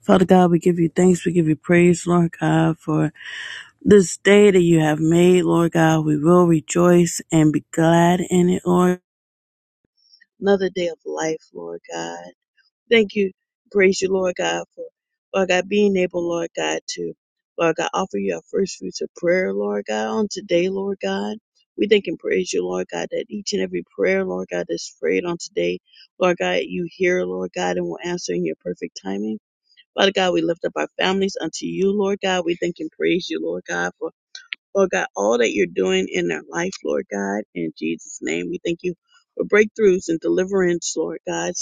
Father God, we give you thanks. We give you praise, Lord God, for this day that you have made, Lord God. We will rejoice and be glad in it, Lord. Another day of life, Lord God. Thank you. Praise you, Lord God, for, Lord God, being able, Lord God, to, Lord God, offer you our first fruits of prayer, Lord God, on today, Lord God. We thank and praise you, Lord God, that each and every prayer, Lord God, that's prayed on today, Lord God, you hear, Lord God, and will answer in your perfect timing. Father God, we lift up our families unto you, Lord God. We thank and praise you, Lord God, for, Lord God, all that you're doing in their life, Lord God. In Jesus' name, we thank you for breakthroughs and deliverance, Lord God.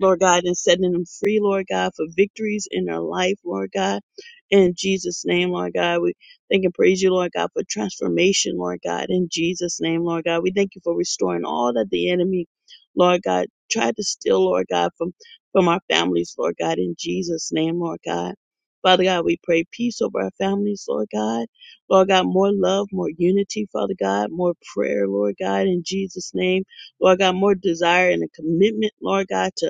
Lord God, and setting them free, Lord God, for victories in their life, Lord God. In Jesus' name, Lord God, we thank and praise you, Lord God, for transformation, Lord God. In Jesus' name, Lord God, we thank you for restoring all that the enemy, Lord God, tried to steal, Lord God, from, from our families, Lord God. In Jesus' name, Lord God. Father God, we pray peace over our families, Lord God. Lord God, more love, more unity, Father God, more prayer, Lord God, in Jesus' name. Lord God, more desire and a commitment, Lord God, to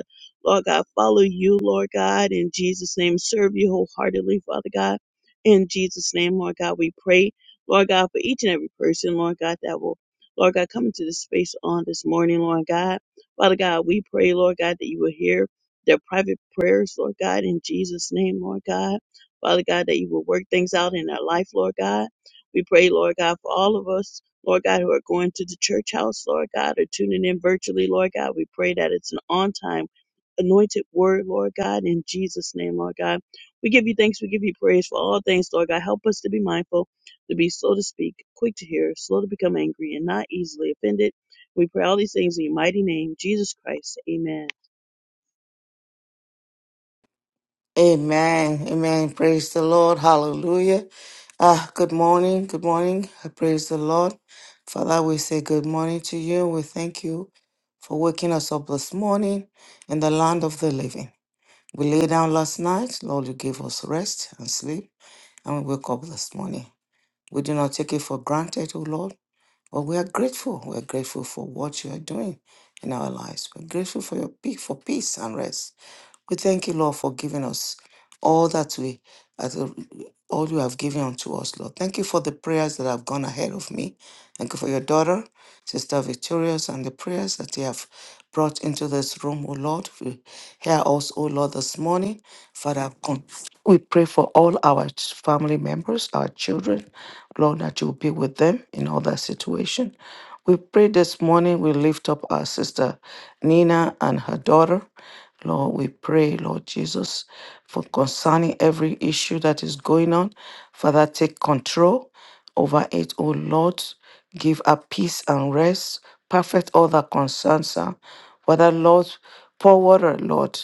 Lord God, follow you, Lord God, in Jesus' name. Serve you wholeheartedly, Father God. In Jesus' name, Lord God, we pray, Lord God, for each and every person, Lord God, that will, Lord God, come into this space on this morning, Lord God. Father God, we pray, Lord God, that you will hear their private prayers, Lord God, in Jesus' name, Lord God. Father God, that you will work things out in our life, Lord God. We pray, Lord God, for all of us, Lord God, who are going to the church house, Lord God, or tuning in virtually, Lord God. We pray that it's an on time anointed word, Lord God, in Jesus' name, Lord God. We give you thanks, we give you praise for all things, Lord God. Help us to be mindful, to be slow to speak, quick to hear, slow to become angry, and not easily offended. We pray all these things in your mighty name, Jesus Christ. Amen. Amen. Amen. Praise the Lord. Hallelujah. Ah, good morning. Good morning. I praise the Lord. Father, we say good morning to you. We thank you for waking us up this morning in the land of the living. We lay down last night. Lord, you gave us rest and sleep, and we wake up this morning. We do not take it for granted, O Lord, but we are grateful. We are grateful for what you are doing in our lives. We're grateful for your peace, for peace and rest. We thank you, Lord, for giving us all that we, as a- all you have given unto us, Lord. Thank you for the prayers that have gone ahead of me. Thank you for your daughter, Sister Victorious, and the prayers that you have brought into this room, O Lord. We hear us, O Lord, this morning. Father, con- we pray for all our ch- family members, our children, Lord, that you will be with them in all their situation. We pray this morning we lift up our sister Nina and her daughter. Lord, we pray, Lord Jesus, for concerning every issue that is going on. Father, take control over it, O Lord. Give her peace and rest. Perfect all that concerns her. Father, Lord, pour water, Lord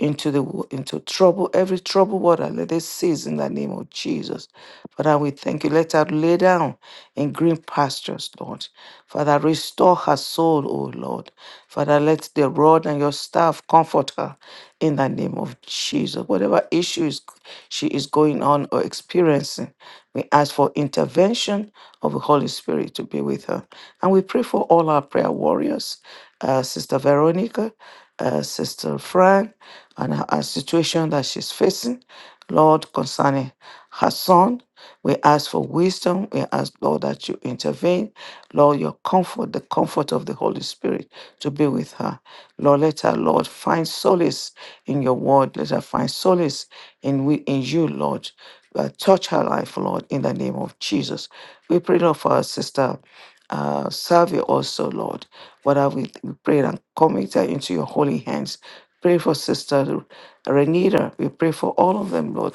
into the wo- into trouble, every trouble water. Let it cease in the name of Jesus. Father, we thank you. Let her lay down in green pastures, Lord. Father, restore her soul, O Lord. Father, let the rod and your staff comfort her in the name of Jesus. Whatever issues she is going on or experiencing, we ask for intervention of the Holy Spirit to be with her. And we pray for all our prayer warriors, uh, Sister Veronica, uh, Sister Fran and her, her situation that she's facing. Lord, concerning her son, we ask for wisdom. We ask, Lord, that you intervene. Lord, your comfort, the comfort of the Holy Spirit to be with her. Lord, let her, Lord, find solace in your word. Let her find solace in, we, in you, Lord. Uh, touch her life, Lord, in the name of Jesus. We pray, Lord, for our sister uh, serve also, Lord. Father, we, we pray and commit her into your holy hands. Pray for Sister Renita. We pray for all of them, Lord.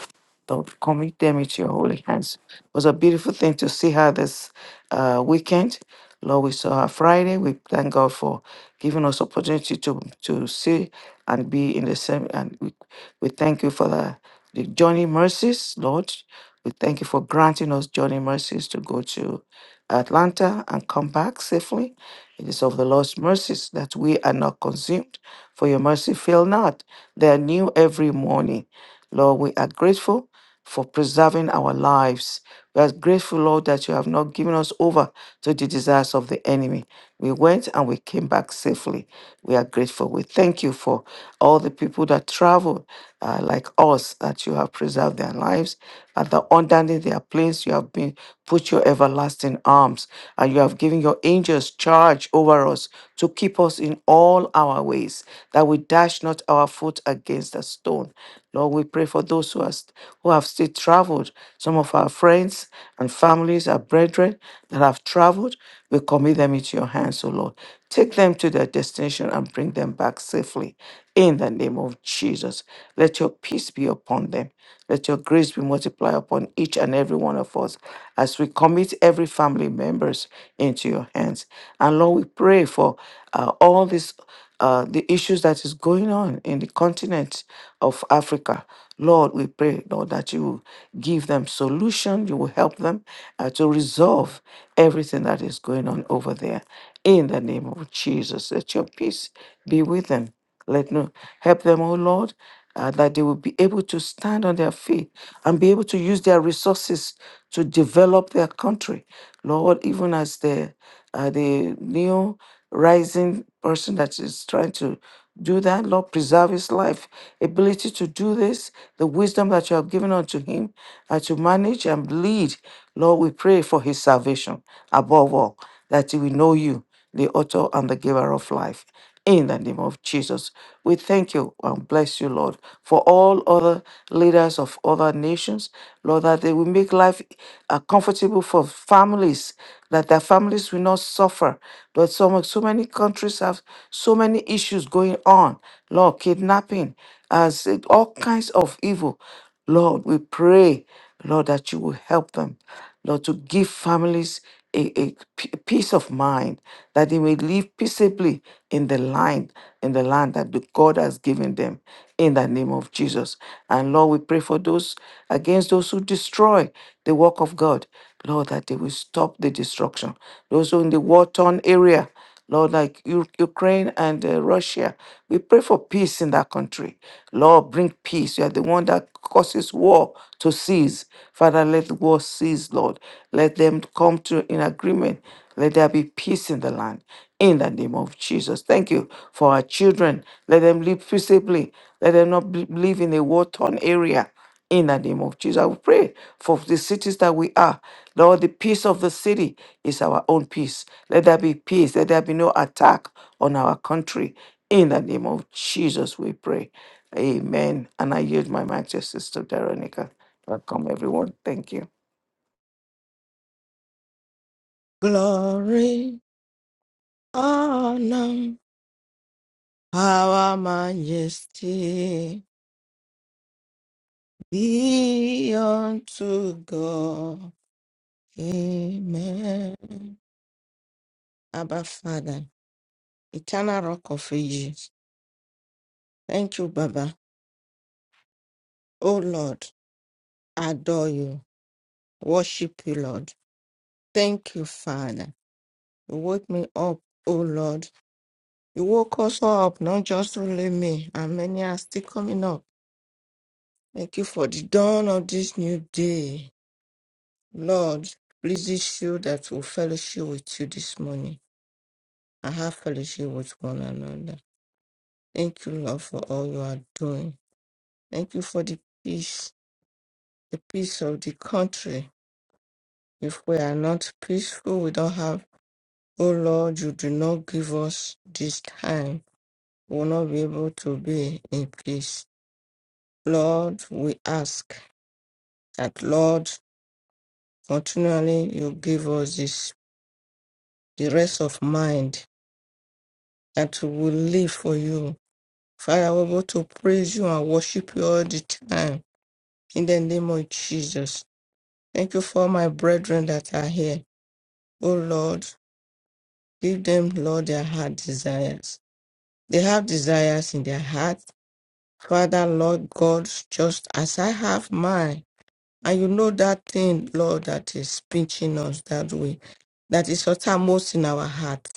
Lord, commit them into your holy hands. It was a beautiful thing to see her this uh, weekend. Lord, we saw her Friday. We thank God for giving us opportunity to to see and be in the same. And we, we thank you for the, the journey mercies, Lord. We thank you for granting us journey mercies to go to Atlanta and come back safely. It is of the Lord's mercies that we are not consumed for your mercy fail not. They are new every morning. Lord, we are grateful for preserving our lives. We are grateful, Lord, that you have not given us over to the desires of the enemy. We went and we came back safely. We are grateful. We thank you for all the people that traveled, uh, like us, that you have preserved their lives. And that underneath their place, you have been put your everlasting arms, and you have given your angels charge over us to keep us in all our ways, that we dash not our foot against a stone. Lord, we pray for those who, are, st- who have still traveled, some of our friends and families, our brethren that have traveled. We commit them into your hands, O Lord. Take them to their destination and bring them back safely. In the name of Jesus, let your peace be upon them. Let your grace be multiplied upon each and every one of us as we commit every family members into your hands. And Lord, we pray for uh, all these uh, the issues that is going on in the continent of Africa. Lord, we pray, Lord, that you will give them solution, you will help them uh, to resolve everything that is going on over there. In the name of Jesus, let your peace be with them. Let no help them, oh Lord, uh, that they will be able to stand on their feet and be able to use their resources to develop their country. Lord, even as the uh, the new rising person that is trying to do that, Lord, preserve his life, ability to do this, the wisdom that you have given unto him uh, to manage and lead. Lord, we pray for his salvation above all, that he will know you, the author and the giver of life in the name of Jesus. We thank you and bless you, Lord, for all other leaders of other nations, Lord, that they will make life uh, comfortable for families, that their families will not suffer. But so, much, so many countries have so many issues going on, Lord, kidnapping, as it- all kinds of evil. Lord, we pray, Lord, that you will help them, Lord, to give families a, a p- peace of mind, that they may live peaceably in the land, in the land that the God has given them in the name of Jesus. And Lord, we pray for those against those who destroy the work of God. Lord, that they will stop the destruction. Those who in the war torn area, Lord, like U- Ukraine and uh, Russia, we pray for peace in that country. Lord, bring peace. You are the one that causes war to cease. Father, let the war cease, Lord. Let them come to in agreement. Let there be peace in the land. In the name of Jesus. Thank you for our children. Let them live peaceably. Let them not be- live in a war torn area. In the name of Jesus, we pray for the cities that we are. Lord, the peace of the city is our own peace. Let there be peace. Let there be no attack on our country. In the name of Jesus, we pray. Amen. And I yield my mic to Sister Veronica. Welcome, everyone. Thank you. Glory, honor, power, majesty be unto God. Amen. Abba Father, eternal rock of ages. Thank you, Baba. Oh Lord, adore you. Worship you, Lord. Thank you, Father. You woke me up, oh Lord. You woke us all up, not just only me, and many are still coming up. Thank you for the dawn of this new day. Lord, please this you that will fellowship with you this morning and have fellowship with one another. Thank you, Lord, for all you are doing. Thank you for the peace, the peace of the country. If we are not peaceful, we don't have. Oh Lord, you do not give us this time. We will not be able to be in peace. Lord, we ask that, Lord, continually you give us this, the rest of mind that we will live for you Father, we're able to praise you and worship you all the time in the name of Jesus. Thank you for my brethren that are here. Oh Lord, give them, Lord, their heart desires. They have desires in their heart. Father, Lord God, just as I have mine. And you know that thing, Lord, that is pinching us that way, that is uttermost in our heart.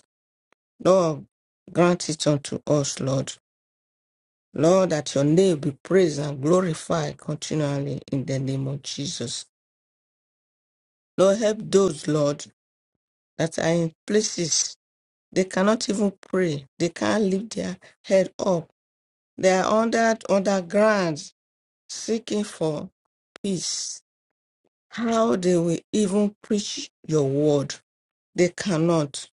Lord, grant it unto us, Lord. Lord, that your name be praised and glorified continually in the name of Jesus. Lord, help those, Lord, that are in places they cannot even pray. They can't lift their head up. They are under underground seeking for peace. How they will even preach your word. They cannot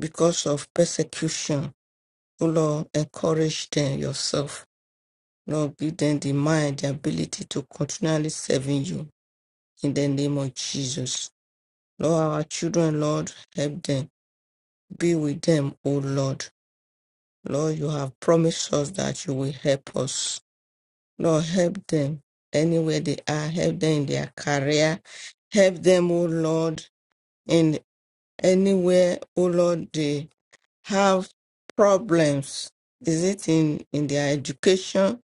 because of persecution. Oh Lord, encourage them yourself. Lord, give them the mind, the ability to continually serving you in the name of Jesus. Lord, our children, Lord, help them. Be with them, O Lord. Lord, you have promised us that you will help us. Lord, help them anywhere they are. Help them in their career. Help them, O Lord, in anywhere, O Lord, they have problems. Is it in, in their education?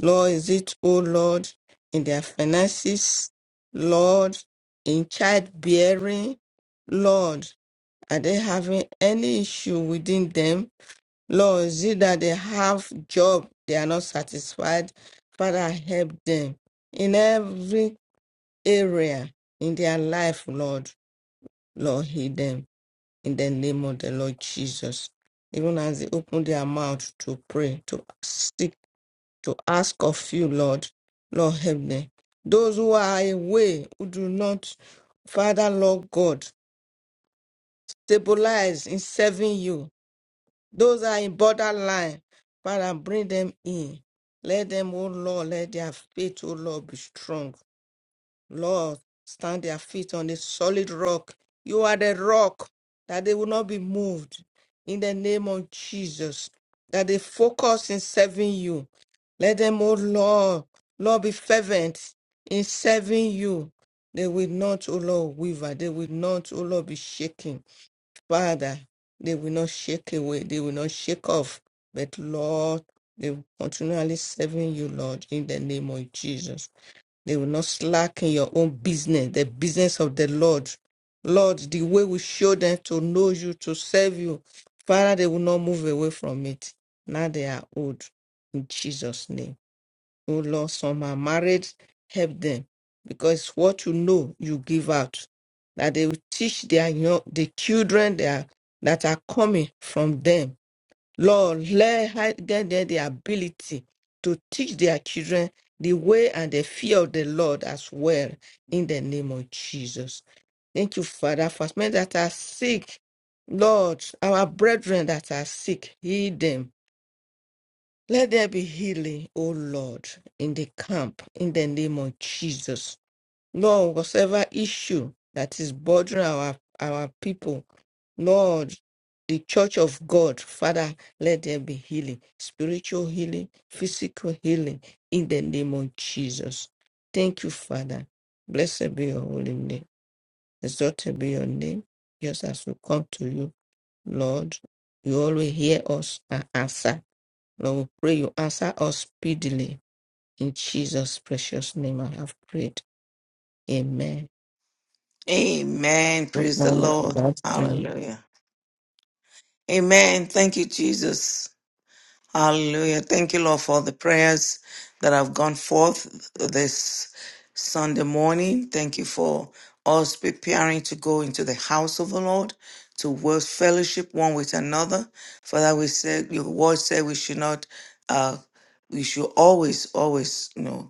Lord, is it, oh Lord, in their finances, Lord, in childbearing, Lord, are they having any issue within them? Lord, is it that they have job, they are not satisfied? Father, help them in every area in their life, Lord. Lord, heal them in the name of the Lord Jesus. Even as they open their mouth to pray, to seek to ask of you, Lord. Lord, help me. Those who are away, who do not, Father, Lord God, stabilize in serving you. Those are in borderline, Father, bring them in. Let them, oh Lord, let their faith, oh Lord, be strong. Lord, stand their feet on a solid rock. You are the rock that they will not be moved in the name of Jesus. That they focus in serving you. Let them, oh Lord, Lord, be fervent in serving you. They will not, oh Lord, waver. They will not, oh Lord, be shaken. Father, they will not shake away. They will not shake off. But Lord, they will continually serving you, Lord, in the name of Jesus. They will not slack in your own business, the business of the Lord. Lord, the way we show them to know you, to serve you, Father, they will not move away from it. Now they are old. In Jesus' name. Oh Lord, some are married, help them. Because what you know, you give out. That they will teach their young, the children that are, that are coming from them Lord, let her get them the ability to teach their children the way and the fear of the Lord as well, in the name of Jesus. Thank you, Father, for men that are sick. Lord, our brethren that are sick, heal them. Let there be healing, O Lord, in the camp, in the name of Jesus. Lord, whatever issue that is bothering our, our people, Lord, the church of God, Father, let there be healing, spiritual healing, physical healing, in the name of Jesus. Thank you, Father. Blessed be your holy name. Exalted be your name. Just as we come to you, Lord, you always hear us and answer. Lord, we pray you answer us speedily. In Jesus' precious name I have prayed. Amen. Amen. Praise the Economic Lord. production Hallelujah. Amen. Thank you, Jesus. Hallelujah. Thank you, Lord, for the prayers that have gone forth this Sunday morning. Thank you for us preparing to go into the house of the Lord to work fellowship one with another. Father, we said your word said we should not uh we should always, always, you know,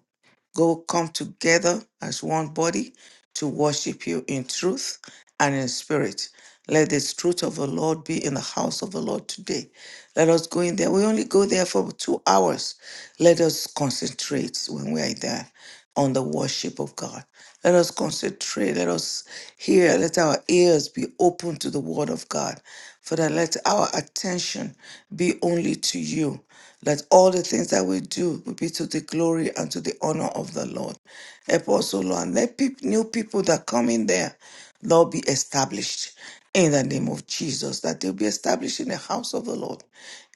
go come together as one body to worship you in truth and in spirit. Let the truth of the Lord be in the house of the Lord today. Let us go in there. We only go there for two hours. Let us concentrate when we are there on the worship of God. Let us concentrate. Let us hear. Let our ears be open to the word of God. For that, let our attention be only to you. Let all the things that we do will be to the glory and to the honor of the Lord. Help us, O Lord, and let peop- new people that come in there. Lord, be established in the name of Jesus, that they'll be established in the house of the Lord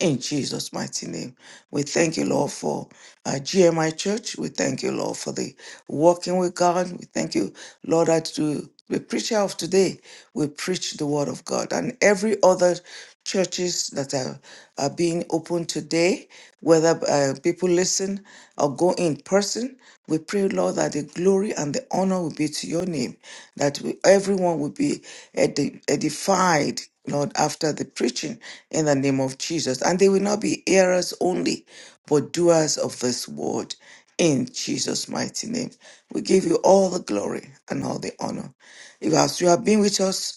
in Jesus' mighty name. We thank you, Lord, for uh, GMI Church. We thank you, Lord, for the walking with God. We thank you, Lord, that to the preacher of today, we preach the word of God. And every other churches that are, are being opened today, whether uh, people listen or go in person. We pray, Lord, that the glory and the honor will be to your name, that we, everyone will be edi- edified, Lord, after the preaching in the name of Jesus. And they will not be hearers only, but doers of this word in Jesus' mighty name. We give you all the glory and all the honor. If as you have been with us,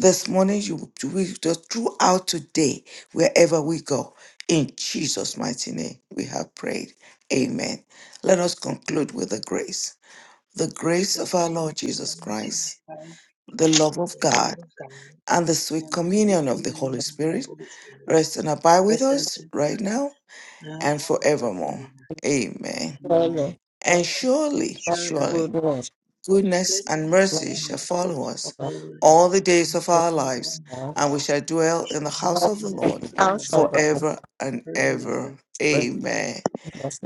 this morning you we just throughout today wherever we go in jesus mighty name we have prayed amen let us conclude with the grace the grace of our lord jesus christ the love of god and the sweet communion of the holy spirit rest and abide with us right now and forevermore amen further and surely surely food was Goodness and mercy shall follow us all the days of our lives, and we shall dwell in the house of the Lord also the forever and ever. Amen.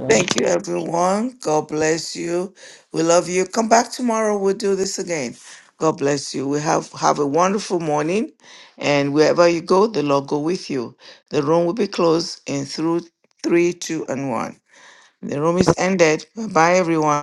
Thank you, everyone. God bless you. We love you. Come back tomorrow. We'll do this again. God bless you. We have have a wonderful morning, and wherever you go, the Lord go with you. The room will be closed in through three, two, and one. The room is ended. Bye, everyone.